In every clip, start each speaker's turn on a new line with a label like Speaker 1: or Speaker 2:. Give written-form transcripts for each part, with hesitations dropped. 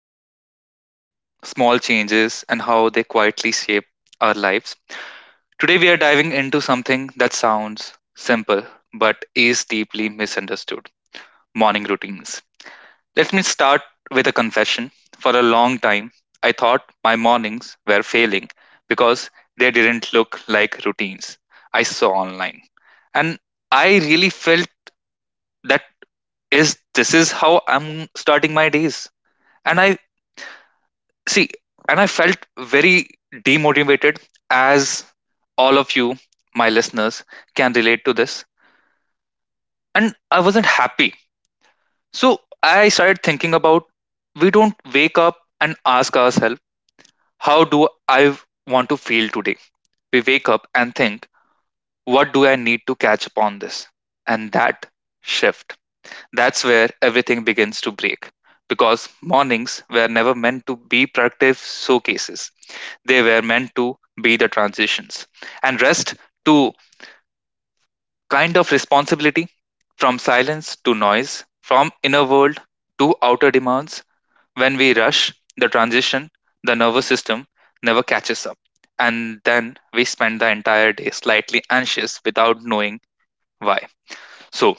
Speaker 1: we spoke about small changes and how they quietly shape our lives. Today, we are diving into something that sounds simple but is deeply misunderstood morning routines. Let me start with a confession. For a long time, I thought my mornings were failing because they didn't look like routines I saw online. And I really felt that is this is how I'm starting my days and I see, and I felt very demotivated, as all of you my listeners can relate to this. And I wasn't happy, so I started thinking about, we don't wake up and ask ourselves how do I want to feel today. We wake up and think what do I need to catch up on this and that shift. That's where everything begins to break because mornings were never meant to be productive showcases. They were meant to be the transitions. And rest to kind of responsibility, from silence to noise, from inner world to outer demands. When we rush the transition, the nervous system never catches up. And then we spend the entire day slightly anxious without knowing why. So,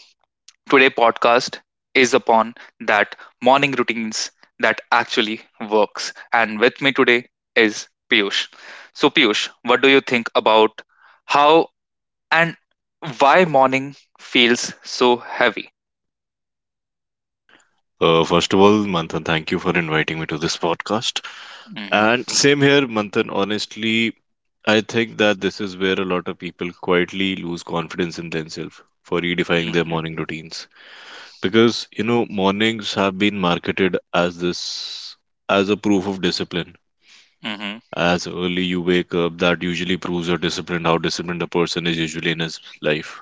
Speaker 1: today podcast is upon that morning routines that actually works. And with me today is Piyush. So Piyush, what do you think about how and why morning feels so heavy?
Speaker 2: First of all, Manthan, thank you for inviting me to this podcast.
Speaker 1: Mhm,
Speaker 2: And same here, Manthan. Honestly, I think that this is where a lot of people quietly lose confidence in themselves for redefining their
Speaker 1: mhm,
Speaker 2: morning routines. Because, you know, mornings have been marketed as this, as a proof of discipline.
Speaker 1: mhm,
Speaker 2: As early you wake up, that usually proves you're disciplined, how disciplined a person is usually in his life.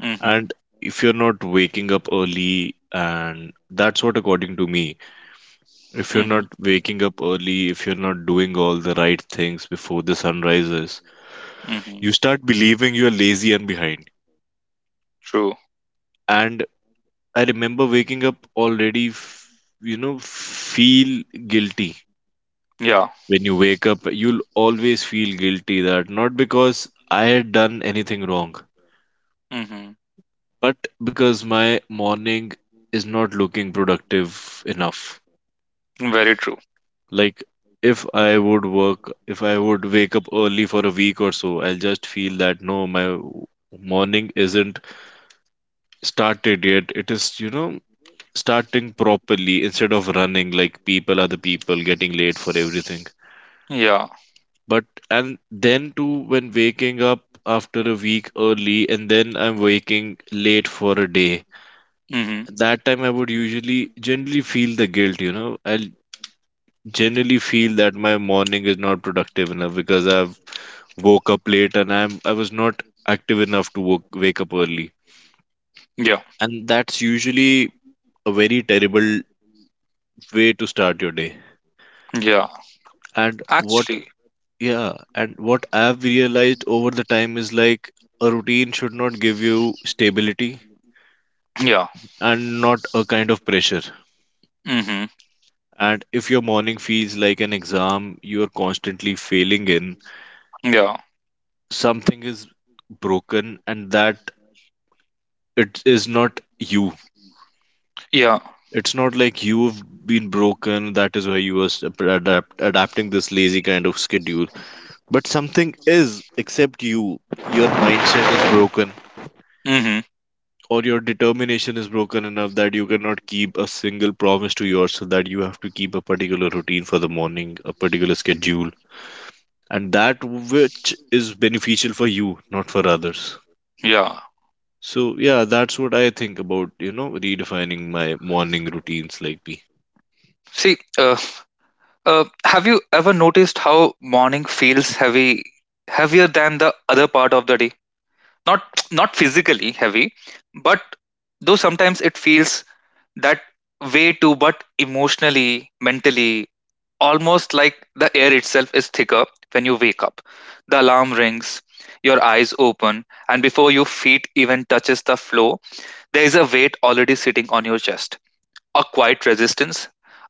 Speaker 1: mhm,
Speaker 2: And if you're not waking up early, and that's what, according to me, if you're
Speaker 1: mhm,
Speaker 2: not waking up early, if you're not doing all the right things before the sun rises,
Speaker 1: mhm.
Speaker 2: you start believing you're lazy and behind.
Speaker 1: True.
Speaker 2: And I remember waking up already, feel guilty.
Speaker 1: Yeah.
Speaker 2: When you wake up, you'll always feel guilty that not because I had done anything wrong,
Speaker 1: Mhm.
Speaker 2: but because my morning is not looking productive enough.
Speaker 1: Very true.
Speaker 2: Like if I would work, if I would wake up early for a week or so, I'll just feel that no, my morning isn't started yet. It is, you know, starting properly instead of running like people, other people, getting late for everything.
Speaker 1: Yeah.
Speaker 2: But and then too, when waking up after a week early and then I'm waking late for a day,
Speaker 1: Mhm.
Speaker 2: that time I would usually generally feel the guilt, you know. I'll generally feel that my morning is not productive enough because I've woke up late and I was not active enough to wake up early.
Speaker 1: Yeah.
Speaker 2: And that's usually a very terrible way to start your day.
Speaker 1: Yeah.
Speaker 2: And
Speaker 1: Actually.
Speaker 2: what I've realized over the time is like a routine should not give you stability
Speaker 1: Yeah.
Speaker 2: and not a kind of pressure.
Speaker 1: Mhm.
Speaker 2: And if your morning feels like an exam you are constantly failing in,
Speaker 1: Yeah.
Speaker 2: something is broken and that it is not you.
Speaker 1: Yeah.
Speaker 2: It's not like you've been broken. That is why you are adapting this lazy kind of schedule. But something is except you. Your mindset is broken,
Speaker 1: Mhm.
Speaker 2: or your determination is broken enough that you cannot keep a single promise to yourself that you have to keep a particular routine for the morning, a particular schedule, and that which is beneficial for you, not for others.
Speaker 1: Yeah.
Speaker 2: So yeah, that's what I think about, you know, redefining my morning routines like me.
Speaker 1: See, have you ever noticed how morning feels heavy, heavier than the other part of the day? Not not physically heavy, but though sometimes it feels that way too, but emotionally, mentally, almost like the air itself is thicker when you wake up. The alarm rings, your eyes open, and before your feet even touches the floor, there is a weight already sitting on your chest, a quiet resistance,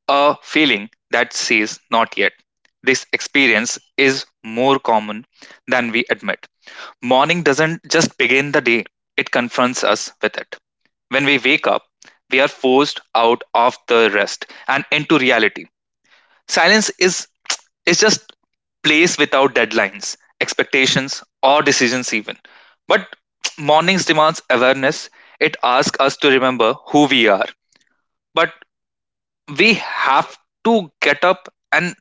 Speaker 1: a feeling that says not yet. This experience is more common than we admit. Morning doesn't just begin the day, it confronts us with it. When we wake up, we are forced out of the rest and into reality. Silence is just place without deadlines, expectations, or decisions even. But mornings demands awareness. It asks us to remember who we are. But we have to get up and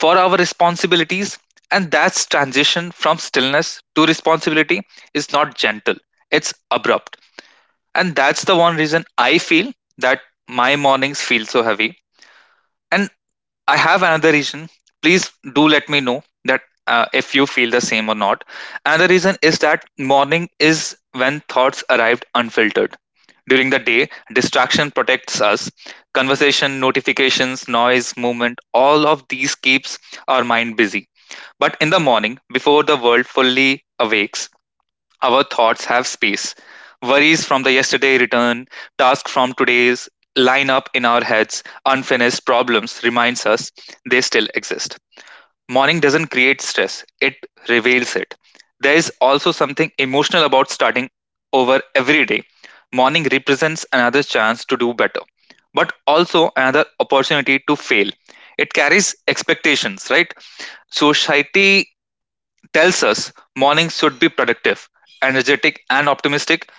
Speaker 1: for our responsibilities, and that's transition from stillness to responsibility is not gentle, it's abrupt. And that's the one reason I feel that my mornings feel so heavy. And I have another reason. Please do let me know that if you feel the same or not. Another reason is that morning is when thoughts arrived unfiltered. During the day, distraction protects us. Conversation, notifications, noise, movement, all of these keeps our mind busy. But in the morning, before the world fully awakes, our thoughts have space. Worries from the yesterday return, tasks from today's line up in our heads, unfinished problems reminds us they still exist. Morning doesn't create stress, it reveals it. There is also something emotional about starting over every day. Morning represents another chance to do better, but also another opportunity to fail. It carries expectations, right? Society tells us mornings should be productive, energetic, and optimistic.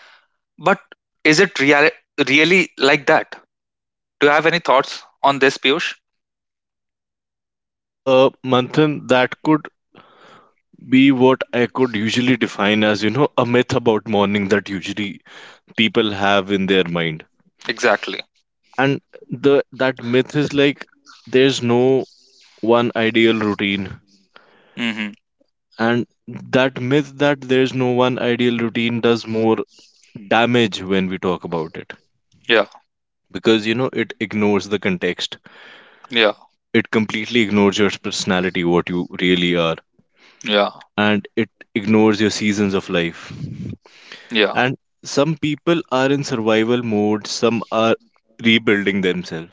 Speaker 1: But is it really like that? Do you have any thoughts on this, Piyush?
Speaker 2: Manthan, that could be what I could usually define as, you know, a myth about morning that usually people have in their mind.
Speaker 1: Exactly.
Speaker 2: And the that myth is like there's no one ideal routine.
Speaker 1: Hmm.
Speaker 2: And that myth that there's no one ideal routine does more damage when we talk about it.
Speaker 1: Yeah.
Speaker 2: Because, you know, it ignores the context.
Speaker 1: Yeah.
Speaker 2: It completely ignores your personality, what you really are.
Speaker 1: Yeah.
Speaker 2: And it ignores your seasons of life.
Speaker 1: Yeah.
Speaker 2: And some people are in survival mode, some are rebuilding themselves,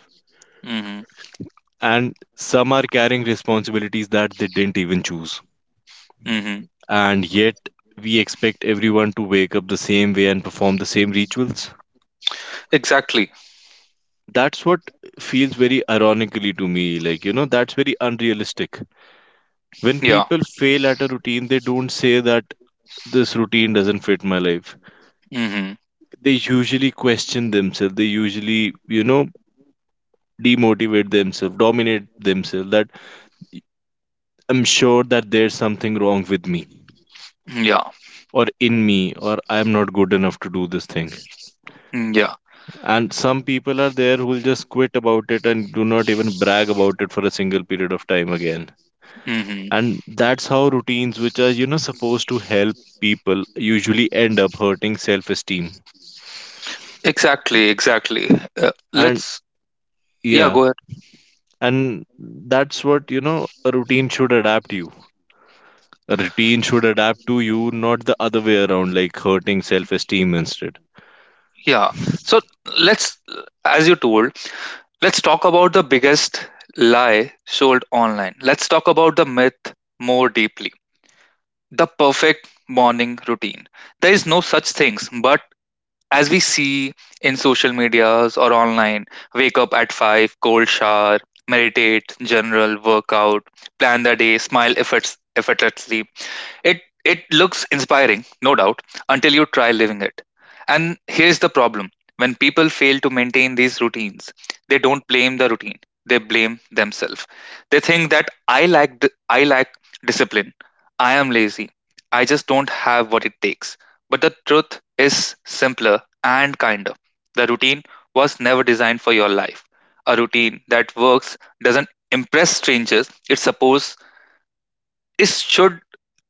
Speaker 1: Hmm.
Speaker 2: and some are carrying responsibilities that they didn't even choose.
Speaker 1: Hmm.
Speaker 2: And yet, we expect everyone to wake up the same way and perform the same rituals.
Speaker 1: Exactly.
Speaker 2: That's what feels very ironically to me. Like, you know, that's very unrealistic. When
Speaker 1: Yeah.
Speaker 2: people fail at a routine, they don't say that this routine doesn't fit my life.
Speaker 1: Hmm.
Speaker 2: They usually question themselves. They usually, you know, demotivate themselves, dominate themselves, that I'm sure that there's something wrong with me
Speaker 1: Yeah.
Speaker 2: or in me or I'm not good enough to do this thing.
Speaker 1: Mm, yeah.
Speaker 2: And some people are there who will just quit about it and do not even brag about it for a single period of time again.
Speaker 1: Hmm.
Speaker 2: And that's how routines which are, you know, supposed to help people usually end up hurting self-esteem.
Speaker 1: Exactly. Exactly.
Speaker 2: And
Speaker 1: Let's. Yeah.
Speaker 2: yeah,
Speaker 1: Go ahead.
Speaker 2: and that's what, you know, a routine should adapt you. A routine should adapt to you, not the other way around, like hurting self-esteem instead.
Speaker 1: Yeah. So let's, as you told, let's talk about the biggest lie sold online. Let's talk about the myth more deeply. The perfect morning routine. There is no such things, but as we see in social medias or online, wake up at 5, cold shower, meditate, general, workout, plan the day, smile effortlessly, it looks inspiring, no doubt, until you try living it. And here's the problem. When people fail to maintain these routines, they don't blame the routine. They blame themselves. They think that I lack discipline. I am lazy. I just don't have what it takes. But the truth is simpler and kinder. The routine was never designed for your life. A routine that works doesn't impress strangers. It's supposed it should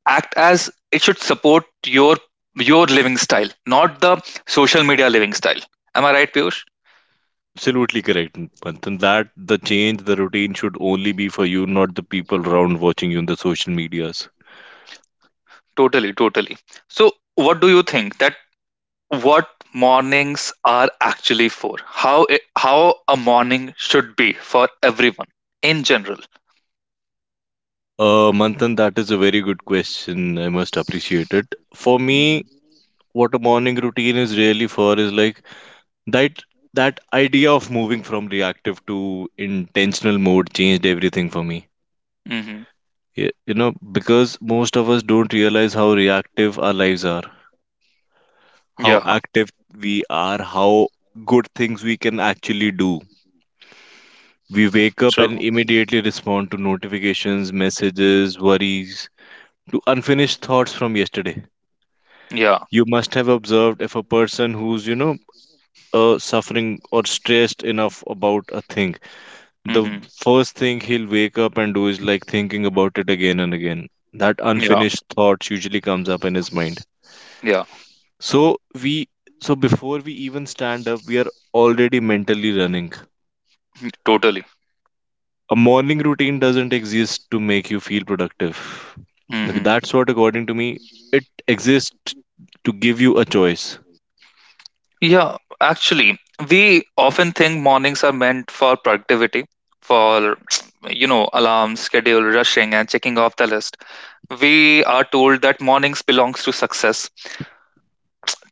Speaker 1: act as it should support your your living style, not the social media living style. Am I right, Piyush?
Speaker 2: Absolutely correct, Manthan. That the change, the routine should only be for you, not the people around watching you on the social medias.
Speaker 1: Totally, totally. So what do you think that what mornings are actually for, how a morning should be for everyone in general?
Speaker 2: Manthan, that is a very good question. I must appreciate it. For me,
Speaker 1: Mhm.
Speaker 2: what a morning routine is really for is like that that idea of moving from reactive to intentional mode changed everything for me.
Speaker 1: Hmm.
Speaker 2: You know, because most of us don't realize how reactive our lives are, how
Speaker 1: Yeah.
Speaker 2: active we are, how good things we can actually do. We wake up and
Speaker 1: True.
Speaker 2: immediately respond to notifications, messages, worries, to unfinished thoughts from yesterday.
Speaker 1: Yeah.
Speaker 2: You must have observed if a person who's, you know, suffering or stressed enough about a thing, the
Speaker 1: Hmm.
Speaker 2: first thing he'll wake up and do is like thinking about it again and again. That
Speaker 1: Yeah.
Speaker 2: unfinished thoughts usually comes up in his mind.
Speaker 1: Yeah.
Speaker 2: So we, so before we even stand up, we are already mentally running.
Speaker 1: Totally.
Speaker 2: A morning routine doesn't exist to make you feel productive. Okay,
Speaker 1: Mm-hmm.
Speaker 2: that's what, according to me, it exists to give you a choice.
Speaker 1: Yeah, actually, we often think mornings are meant for productivity, for, you know, alarms, schedule, rushing, and checking off the list. We are told that mornings belongs to success,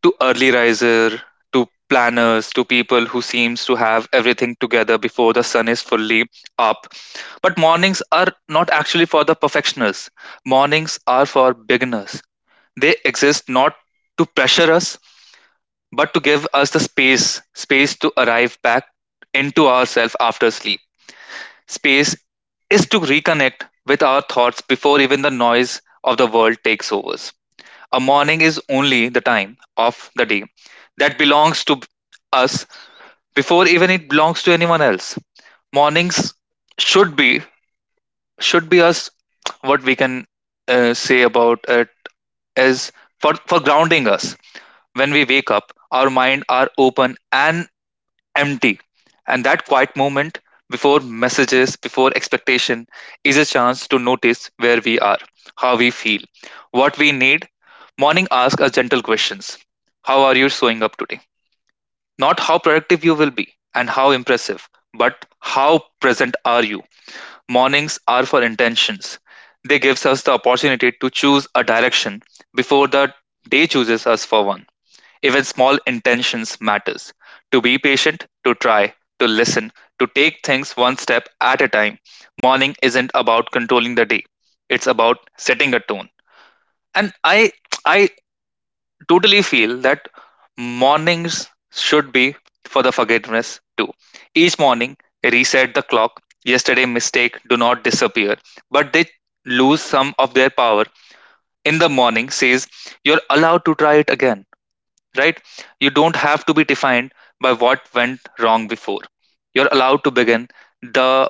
Speaker 1: to early riser, to planners, to people who seems to have everything together before the sun is fully up. But mornings are not actually for the perfectionists. Mornings are for beginners. They exist not to pressure us but to give us the space to arrive back into ourselves after sleep, space is to reconnect with our thoughts before even the noise of the world takes over. A morning is only the time of the day that belongs to us before even it belongs to anyone else. Mornings should be should be us. What we can say about it is for grounding us. When we wake up, our mind are open and empty. And that quiet moment before messages, before expectation, is a chance to notice where we are, how we feel, what we need. Morning asks us gentle questions. How are you showing up today? Not how productive you will be and how impressive, but how present are you? Mornings are for intentions. They gives us the opportunity to choose a direction before the day chooses us for one. Even small intentions matters. To be patient, to try, to listen, to take things one step at a time. Morning isn't about controlling the day. It's about setting a tone. And I totally feel that mornings should be for the forgiveness too. Each morning, reset the clock. Yesterday mistake do not disappear, but they lose some of their power. In the morning says you're allowed to try it again, right? You don't have to be defined by what went wrong before. You're allowed to begin the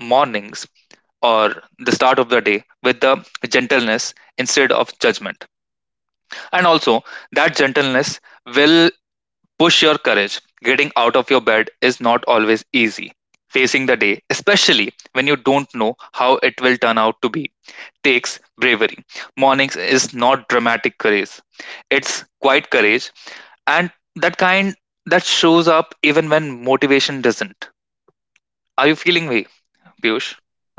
Speaker 1: mornings or the start of the day with the gentleness instead of judgment. And also, that gentleness will push your courage. Getting out of your bed is not always easy. Facing the day, especially when you don't know how it will turn out to be, takes bravery. Mornings is not dramatic courage, it's quiet courage and that kind that shows up even when motivation doesn't. Are you feeling me, Piyush?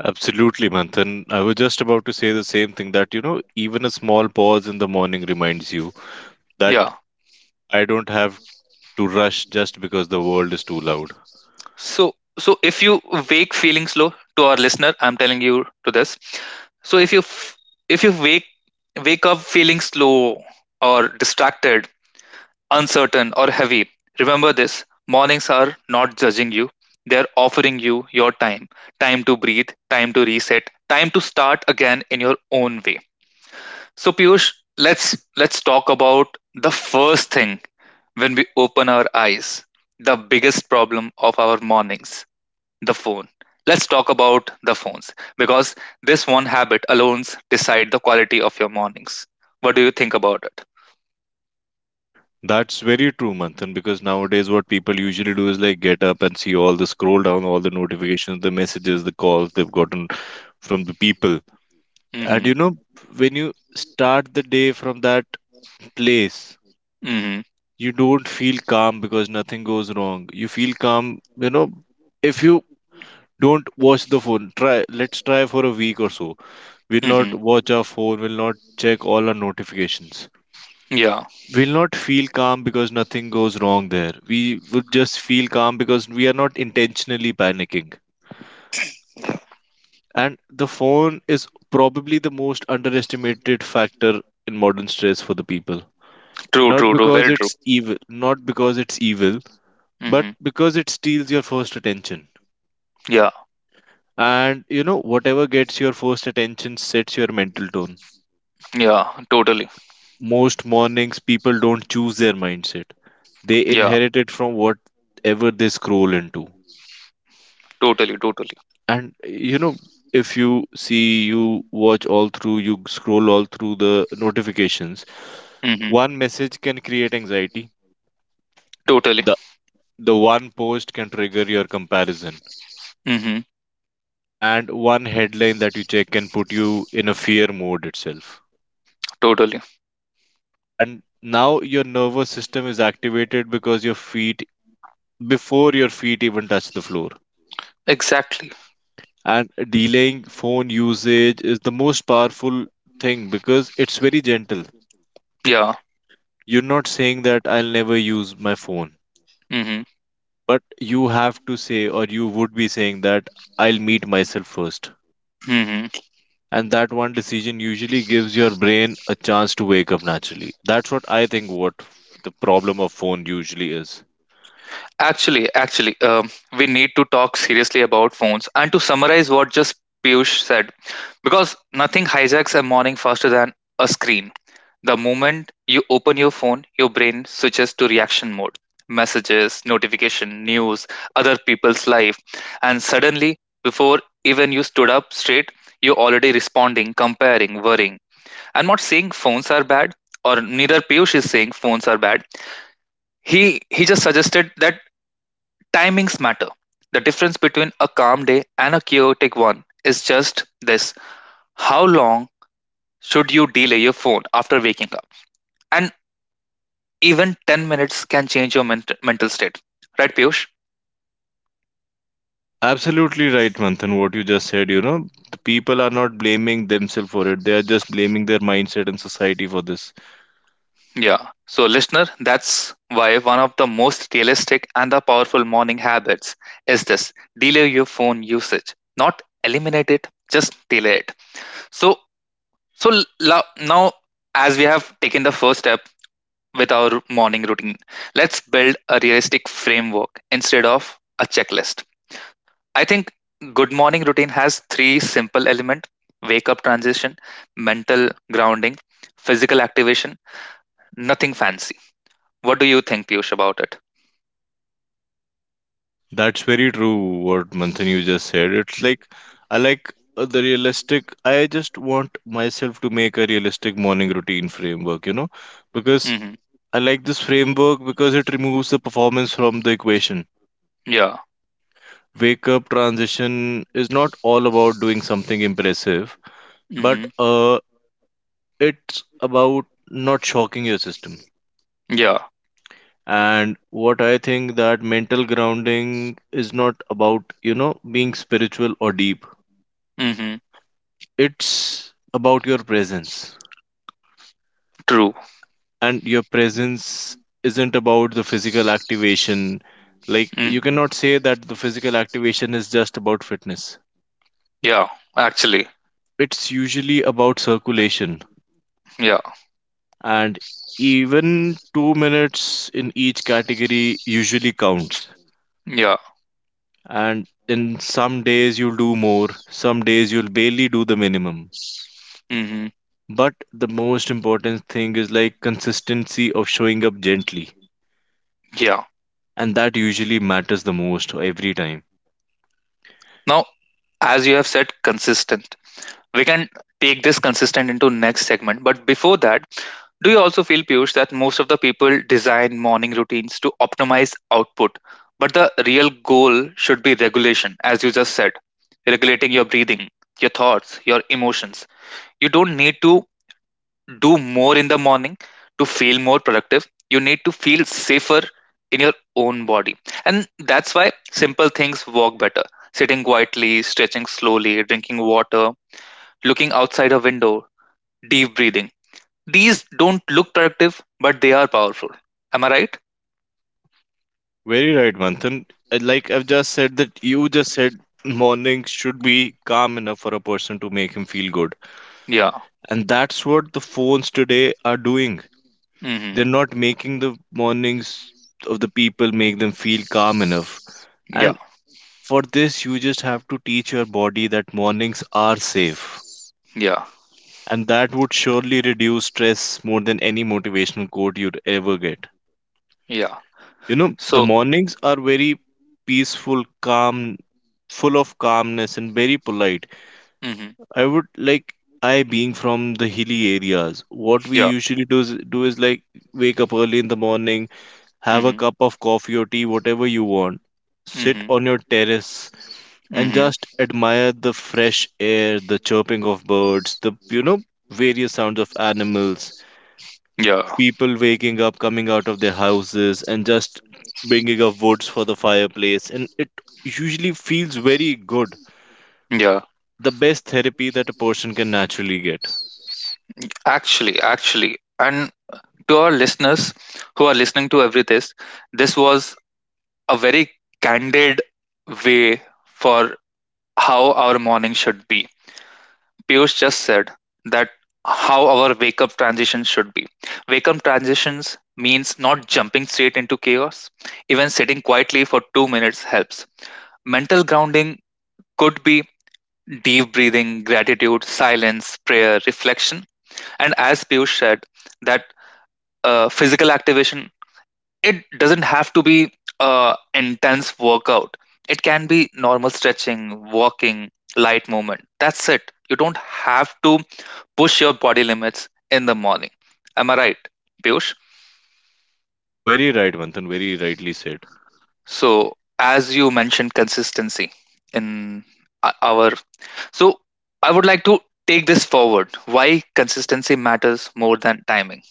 Speaker 2: Absolutely, Manthan. I was just about to say the same thing that, you know, even a small pause in the morning reminds you that
Speaker 1: Yeah.
Speaker 2: I don't have to rush just because the world is too loud.
Speaker 1: So so if you wake feeling slow, to our listener I'm telling you to this, so if you f- if you wake up feeling slow or distracted, uncertain or heavy, remember this, mornings are not judging you, they're offering you your time, time to breathe, time to reset, time to start again in your own way. So Piyush, let's talk about the first thing when we open our eyes, the biggest problem of our mornings, the phone. Let's talk about the phones because this one habit alone decide the quality of your mornings. What do you think about it?
Speaker 2: That's very true, Manthan, because nowadays what people usually do is like get up and see all the scroll down, all the notifications, the messages, the calls they've gotten from the people. And you
Speaker 1: Mhm.
Speaker 2: know, when you start the day from that place,
Speaker 1: Mhm.
Speaker 2: you don't feel calm because nothing goes wrong, you feel calm. You know, if you don't watch the phone, try, let's try for a week or so, we'll not
Speaker 1: Mhm.
Speaker 2: watch our phone, we'll not check all our notifications,
Speaker 1: Yeah.
Speaker 2: we'll not feel calm because nothing goes wrong there, we would just feel calm because we are not intentionally panicking. And the phone is probably the most underestimated factor in modern stress for the people.
Speaker 1: True,
Speaker 2: Not
Speaker 1: true, true.
Speaker 2: because
Speaker 1: Very true.
Speaker 2: it's evil, not because it's evil, but
Speaker 1: Mhm.
Speaker 2: because it steals your first attention.
Speaker 1: Yeah.
Speaker 2: And you know, whatever gets your first attention sets your mental tone.
Speaker 1: Yeah. Totally.
Speaker 2: Most mornings, people don't choose their mindset, they
Speaker 1: Yeah.
Speaker 2: inherit it from whatever they scroll into.
Speaker 1: Totally, totally.
Speaker 2: And you know, if you see, you watch all through, you scroll all through the notifications,
Speaker 1: Mhm.
Speaker 2: one message can create anxiety.
Speaker 1: Totally.
Speaker 2: The, the one post can trigger your comparison
Speaker 1: Mhm.
Speaker 2: and one headline that you check can put you in a fear mode itself.
Speaker 1: Totally.
Speaker 2: And now your nervous system is activated because your feet, before your feet even touch the floor.
Speaker 1: Exactly.
Speaker 2: And delaying phone usage is the most powerful thing because it's very gentle.
Speaker 1: Yeah.
Speaker 2: You're not saying that I'll never use my phone, but you have to say, or you would be saying that I'll meet myself first.
Speaker 1: Mhm.
Speaker 2: And that one decision usually gives your brain a chance to wake up naturally. That's what I think what the problem of phone usually is.
Speaker 1: Actually, we need to talk seriously about phones. And to summarize what just Piyush said, because nothing hijacks a morning faster than a screen. The moment you open your phone, your brain switches to reaction mode. Messages, notification, news, other people's life, and suddenly, before even you stood up straight, you're already responding, comparing, worrying. I'm not saying phones are bad, or neither Piyush is saying phones are bad. He just suggested that timings matter. The difference between a calm day and a chaotic one is just this, how long should you delay your phone after waking up? And even 10 minutes can change your mental state. Right, Piyush?
Speaker 2: Absolutely right, Manthan. What you just said, you know, the people are not blaming themselves for it, they are just blaming their mindset and society for this.
Speaker 1: Yeah. So, listener, that's why one of the most realistic and the powerful morning habits is this, delay your phone usage, not eliminate it, just delay it. So, so, now, as we have taken the first step with our morning routine, let's build a realistic framework instead of a checklist. I think good morning routine has three simple elements, wake up transition, mental grounding, physical activation, nothing fancy. What do you think, Piyush, about it?
Speaker 2: That's very true what Manthan you just said. It's like I like, the realistic, I just want myself to make a realistic morning routine framework, you know, because
Speaker 1: Hmm.
Speaker 2: I like this framework because it removes the performance from the equation.
Speaker 1: Yeah.
Speaker 2: Wake up transition is not all about doing something impressive, but
Speaker 1: Hmm.
Speaker 2: it's about not shocking your system.
Speaker 1: Yeah.
Speaker 2: And what I think that mental grounding is not about, you know, being spiritual or deep.
Speaker 1: Hmm.
Speaker 2: It's about your presence.
Speaker 1: True.
Speaker 2: And your presence isn't about the physical activation. Like, you
Speaker 1: Hmm.
Speaker 2: cannot say that the physical activation is just about fitness.
Speaker 1: Yeah. Actually.
Speaker 2: It's usually about circulation
Speaker 1: Yeah.
Speaker 2: and even 2 minutes in each category usually counts.
Speaker 1: Yeah.
Speaker 2: And in some days, you'll do more, some days, you'll barely do the minimum.
Speaker 1: Hmm.
Speaker 2: But the most important thing is like consistency of showing up gently,
Speaker 1: Yeah.
Speaker 2: and that usually matters the most every time.
Speaker 1: Now, as you have said, consistent. We can take this consistent into next segment but before that, do you also feel, Piyush, that most of the people design morning routines to optimize output, but the real goal should be regulation, as you just said, regulating your breathing, your thoughts, your emotions. You don't need to do more in the morning to feel more productive. You need to feel safer in your own body. And that's why simple things work better. Sitting quietly, stretching slowly, drinking water, looking outside a window, deep breathing, these don't look productive, but they are powerful. Am I right?
Speaker 2: Very right, Manthan. Like I've just said, that you just said morning should be calm enough for a person to make him feel good.
Speaker 1: Yeah.
Speaker 2: And that's what the phones today are doing. They're
Speaker 1: Hmm.
Speaker 2: not making the mornings of the people make them feel calm enough.
Speaker 1: Yeah.
Speaker 2: And for this, you just have to teach your body that mornings are safe.
Speaker 1: Yeah.
Speaker 2: And that would surely reduce stress more than any motivational quote you'd ever get.
Speaker 1: Yeah.
Speaker 2: You know, the
Speaker 1: So.
Speaker 2: mornings are very peaceful, calm, full of calmness, and very polite.
Speaker 1: Hmm.
Speaker 2: I would like, I being from the hilly areas, what we
Speaker 1: Yeah.
Speaker 2: usually do is, like wake up early in the morning, have a
Speaker 1: Hmm.
Speaker 2: cup of coffee or tea, whatever you want, sit
Speaker 1: Hmm.
Speaker 2: on your terrace and
Speaker 1: Hmm.
Speaker 2: just admire the fresh air, the chirping of birds, the you know various sounds of animals,
Speaker 1: Yeah.
Speaker 2: people waking up, coming out of their houses and just bringing up woods for the fireplace, and it usually feels very good,
Speaker 1: Yeah.
Speaker 2: the best therapy that a person can naturally get.
Speaker 1: Actually, and to our listeners who are listening to every test, this was a very candid way for how our morning should be. Piyush just said that how our wake up transition should be. Wake up transitions means not jumping straight into chaos. Even sitting quietly for 2 minutes helps. Mental grounding could be deep breathing, gratitude, silence, prayer, reflection. And as Piyush said, that physical activation, it doesn't have to be intense workout. It can be normal stretching, walking, light movement. That's it. You don't have to push your body limits in the morning. Am I right, Piyush?
Speaker 2: Very right, Manthan. Very rightly said.
Speaker 1: So, as you mentioned, consistency in our. So, I would like to take this forward. Why consistency matters more than timing?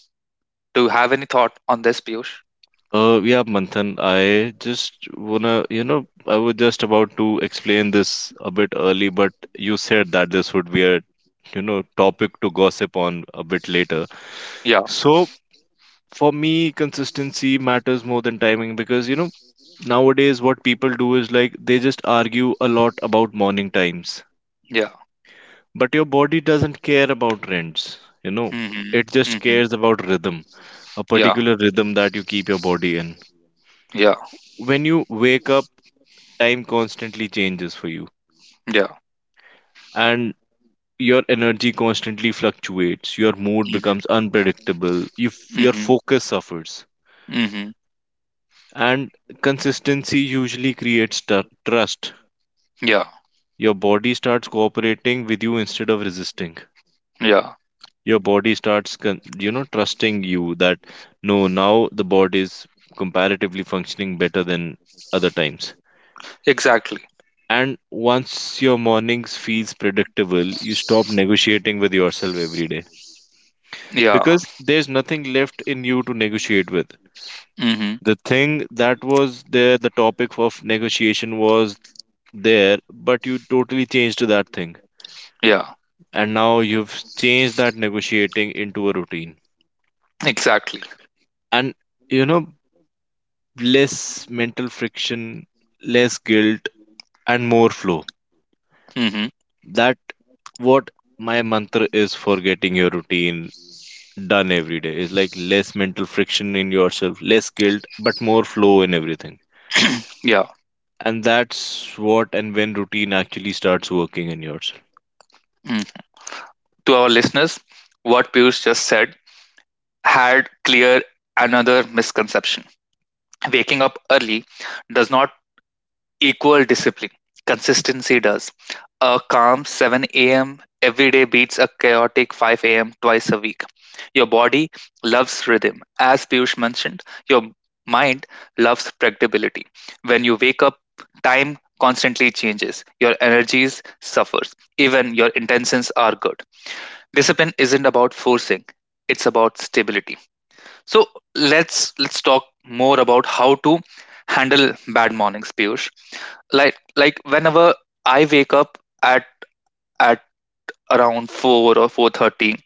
Speaker 1: Do you have any thought on this, Piyush?
Speaker 2: Yeah, Manthan, I just wanna, I was just about to explain this a bit early, but you said that this would be a, topic to gossip on a bit later.
Speaker 1: Yeah,
Speaker 2: So for me, consistency matters more than timing because, nowadays what people do is like they just argue a lot about morning times,
Speaker 1: yeah.
Speaker 2: but your body doesn't care about trends,
Speaker 1: Mm-hmm,
Speaker 2: it just
Speaker 1: mm-hmm.
Speaker 2: cares about rhythm, a
Speaker 1: Yeah,
Speaker 2: particular rhythm that you keep your body in.
Speaker 1: yeah,
Speaker 2: When you wake up, time constantly changes for you,
Speaker 1: yeah.
Speaker 2: and your energy constantly fluctuates. Your mood
Speaker 1: Mm-hmm,
Speaker 2: becomes unpredictable. If your
Speaker 1: mm-hmm,
Speaker 2: focus suffers,
Speaker 1: mm-hmm.
Speaker 2: and consistency usually creates trust.
Speaker 1: Yeah,
Speaker 2: Your body starts cooperating with you instead of resisting.
Speaker 1: yeah.
Speaker 2: Your body starts, trusting you that no, now the body is comparatively functioning better than other times.
Speaker 1: Exactly.
Speaker 2: And once your mornings feels predictable, you stop negotiating with yourself every day
Speaker 1: Yeah.
Speaker 2: because there's nothing left in you to negotiate with.
Speaker 1: Mm-hmm.
Speaker 2: The thing that was there, the topic of negotiation was there, but you totally changed that thing.
Speaker 1: Yeah,
Speaker 2: And now you've changed that negotiating into a routine.
Speaker 1: exactly.
Speaker 2: And you know, less mental friction, less guilt, and more flow.
Speaker 1: Mm-hmm.
Speaker 2: That what my mantra is for getting your routine done every day is like less mental friction in yourself, less guilt, but more flow in everything.
Speaker 1: Yeah.
Speaker 2: And that's what, and when routine actually starts working in yourself.
Speaker 1: Mm. To our listeners, what Piyush just said had clear another misconception. Waking up early does not equal discipline. Consistency does. A calm 7 a.m. every day beats a chaotic 5 a.m. twice a week. Your body loves rhythm. As Piyush mentioned, your mind loves predictability. When you wake up, time constantly changes. Your energies suffers. Even your intentions are good. Discipline isn't about forcing, it's about stability. So, let's talk more about how to handle bad mornings, Piyush. Like whenever I wake up at at around 4 or 4:30,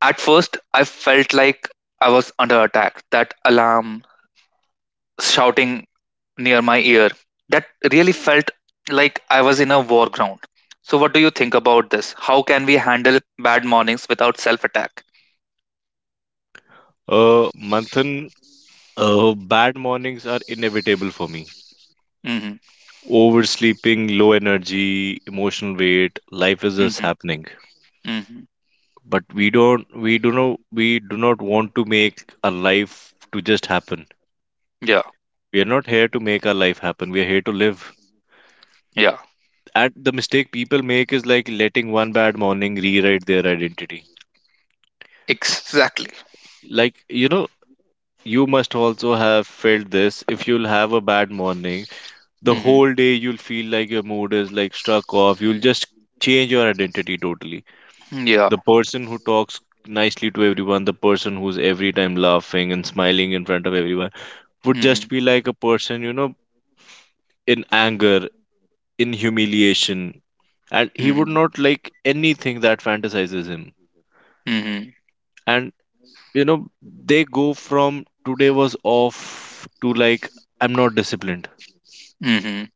Speaker 1: at first I felt like I was under attack. That alarm shouting near my ear, that really felt like I was in a war ground. So what do you think about this? How can we handle bad mornings without self attack?
Speaker 2: Manthan, bad mornings are inevitable for me.
Speaker 1: Mm-hmm,
Speaker 2: Oversleeping, low energy, emotional weight, life is just
Speaker 1: mm-hmm,
Speaker 2: happening.
Speaker 1: mm-hmm.
Speaker 2: But we do not want to make our life to just happen.
Speaker 1: Yeah,
Speaker 2: We are not here to make our life happen. We are here to live.
Speaker 1: yeah,
Speaker 2: And the mistake people make is like letting one bad morning rewrite their identity.
Speaker 1: exactly.
Speaker 2: Like, you must also have felt this. If you'll have a bad morning, the
Speaker 1: Mm-hmm.
Speaker 2: whole day you'll feel like your mood is like struck off. You'll just change your identity totally.
Speaker 1: Yeah.
Speaker 2: The person who talks nicely to everyone, the person who's every time laughing and smiling in front of everyone, would just
Speaker 1: Mhm.
Speaker 2: be like a person, in anger, in humiliation. And he would
Speaker 1: Mhm.
Speaker 2: not like anything that fantasizes him,
Speaker 1: Mhm.
Speaker 2: and you know they go from today was off to like I'm not disciplined,
Speaker 1: Mhm.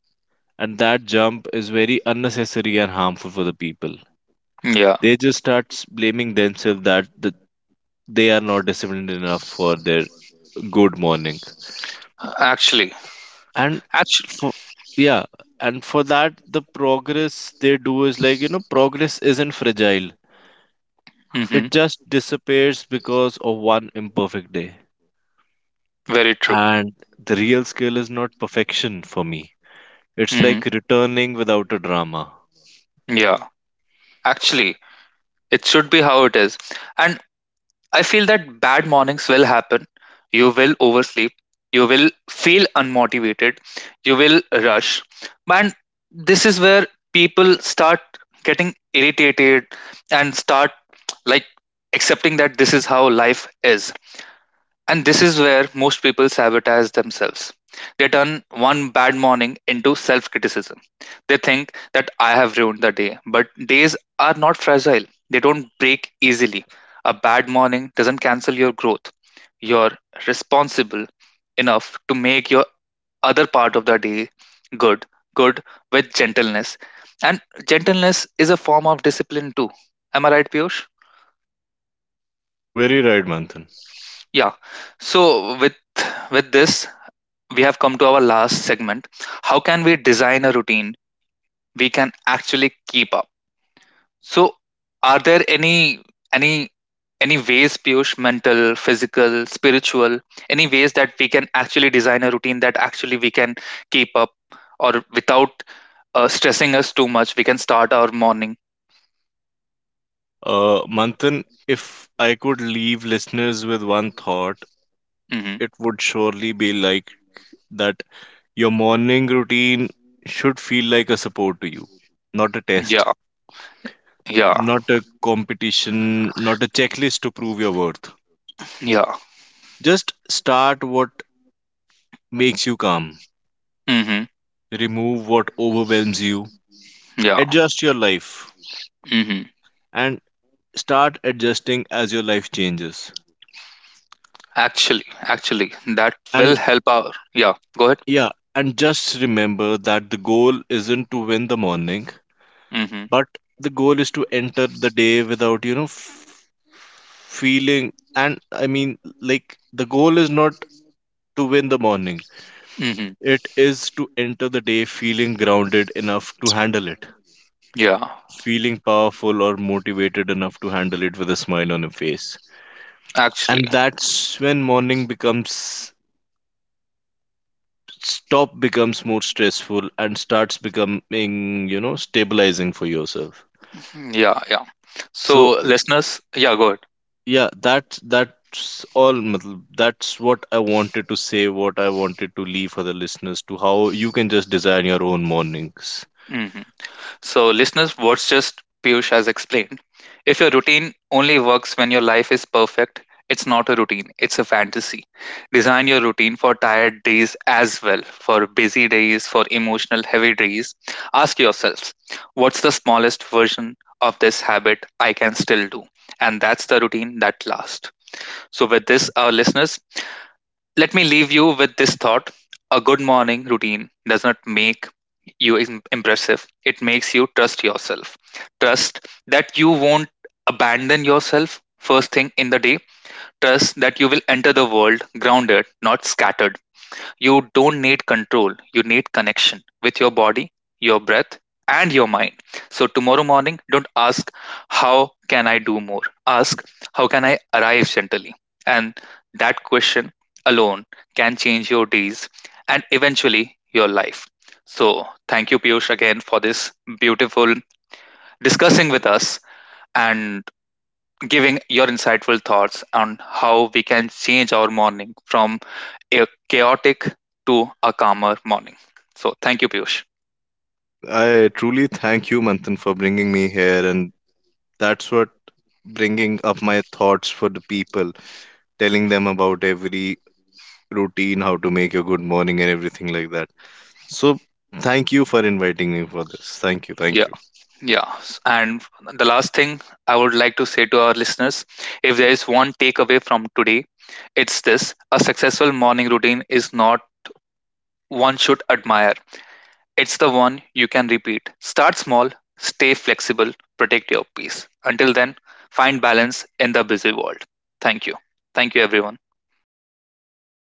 Speaker 2: and that jump is very unnecessary and harmful for the people.
Speaker 1: Yeah.
Speaker 2: They just start blaming themselves that they are not disciplined enough for their good morning.
Speaker 1: Actually,
Speaker 2: And
Speaker 1: actually.
Speaker 2: for yeah and for that, the progress they do is like progress isn't fragile,
Speaker 1: Mhm.
Speaker 2: it just disappears because of one imperfect day.
Speaker 1: Very true.
Speaker 2: And the real skill is not perfection for me. It's
Speaker 1: Mhm.
Speaker 2: like returning without a drama.
Speaker 1: Yeah. Actually, it should be how it is. And I feel that bad mornings will happen. You will oversleep. You will feel unmotivated. You will rush. And this is where people start getting irritated and start like accepting that this is how life is. And this is where most people sabotage themselves. They turn one bad morning into self criticism. They think that I have ruined the day, but days are not fragile, they don't break easily. A bad morning doesn't cancel your growth. You're responsible enough to make your other part of the day good, good with gentleness. And gentleness is a form of discipline too. Am I right, Piyush?
Speaker 2: Very right, Manthan.
Speaker 1: Yeah. So, with this we have come to our last segment. How can we design a routine we can actually keep up? So, are there any any ways, Piyush, mental, physical, spiritual, any ways that we can actually design a routine that actually we can keep up, or without stressing us too much, we can start our morning.
Speaker 2: Manthan, if I could leave listeners with one thought,
Speaker 1: Hmm.
Speaker 2: it would surely be like that your morning routine should feel like a support to you, not a test,
Speaker 1: Yeah, yeah,
Speaker 2: not a competition, not a checklist to prove your worth.
Speaker 1: yeah.
Speaker 2: Just start what makes you calm,
Speaker 1: Hmm.
Speaker 2: remove what overwhelms you,
Speaker 1: Yeah.
Speaker 2: adjust your life,
Speaker 1: Hmm.
Speaker 2: and start adjusting as your life changes.
Speaker 1: Actually, that
Speaker 2: And
Speaker 1: will help our. Yeah. Go ahead.
Speaker 2: yeah, and just remember that the goal isn't to win the morning,
Speaker 1: Hmm.
Speaker 2: but the goal is to enter the day without, you know, f- feeling. And I mean, like, the goal is not to win the morning,
Speaker 1: Hmm.
Speaker 2: it is to enter the day feeling grounded enough to handle it,
Speaker 1: Yeah.
Speaker 2: feeling powerful or motivated enough to handle it with a smile on your face.
Speaker 1: Actually,
Speaker 2: And that's when morning becomes more stressful and starts becoming, stabilizing for yourself.
Speaker 1: mm, yeah, yeah.
Speaker 2: So
Speaker 1: So, listeners, yeah, go ahead.
Speaker 2: yeah, that's all matlab, that's what I wanted to say, what I wanted to leave for the listeners, to how you can just design your own mornings.
Speaker 1: Hmm. So, listeners, what's just Piyush has explained, if your routine only works when your life is perfect, it's not a routine, it's a fantasy. Design your routine for tired days as well, for busy days, for emotional heavy days. Ask yourselves, what's the smallest version of this habit I can still do? And that's the routine that lasts. So, with this, our listeners, let me leave you with this thought. A good morning routine does not make you impressive. It makes you trust yourself. Trust that you won't abandon yourself first thing in the day. Trust that you will enter the world grounded, not scattered. You don't need control, you need connection with your body, your breath, and your mind. So, tomorrow morning, don't ask, "How can I do more?" Ask, "How can I arrive gently?" And that question alone can change your days and eventually your life. So, thank you, Piyush, again for this beautiful discussing with us and giving your insightful thoughts on how we can change our morning from a chaotic to a calmer morning. So thank you, Piyush.
Speaker 2: I truly thank you, Manthan, for bringing me here, and that's what, bringing up my thoughts for the people, telling them about every routine, how to make your good morning and everything like that. So thank you for inviting me for this. Thank you, thank
Speaker 1: Yeah,
Speaker 2: you.
Speaker 1: yeah. And the last thing I would like to say to our listeners, if there is one takeaway from today, it's this, a successful morning routine is not one should admire, it's the one you can repeat. Start small, stay flexible, protect your peace. Until then, find balance in the busy world. Thank you. Thank you, everyone.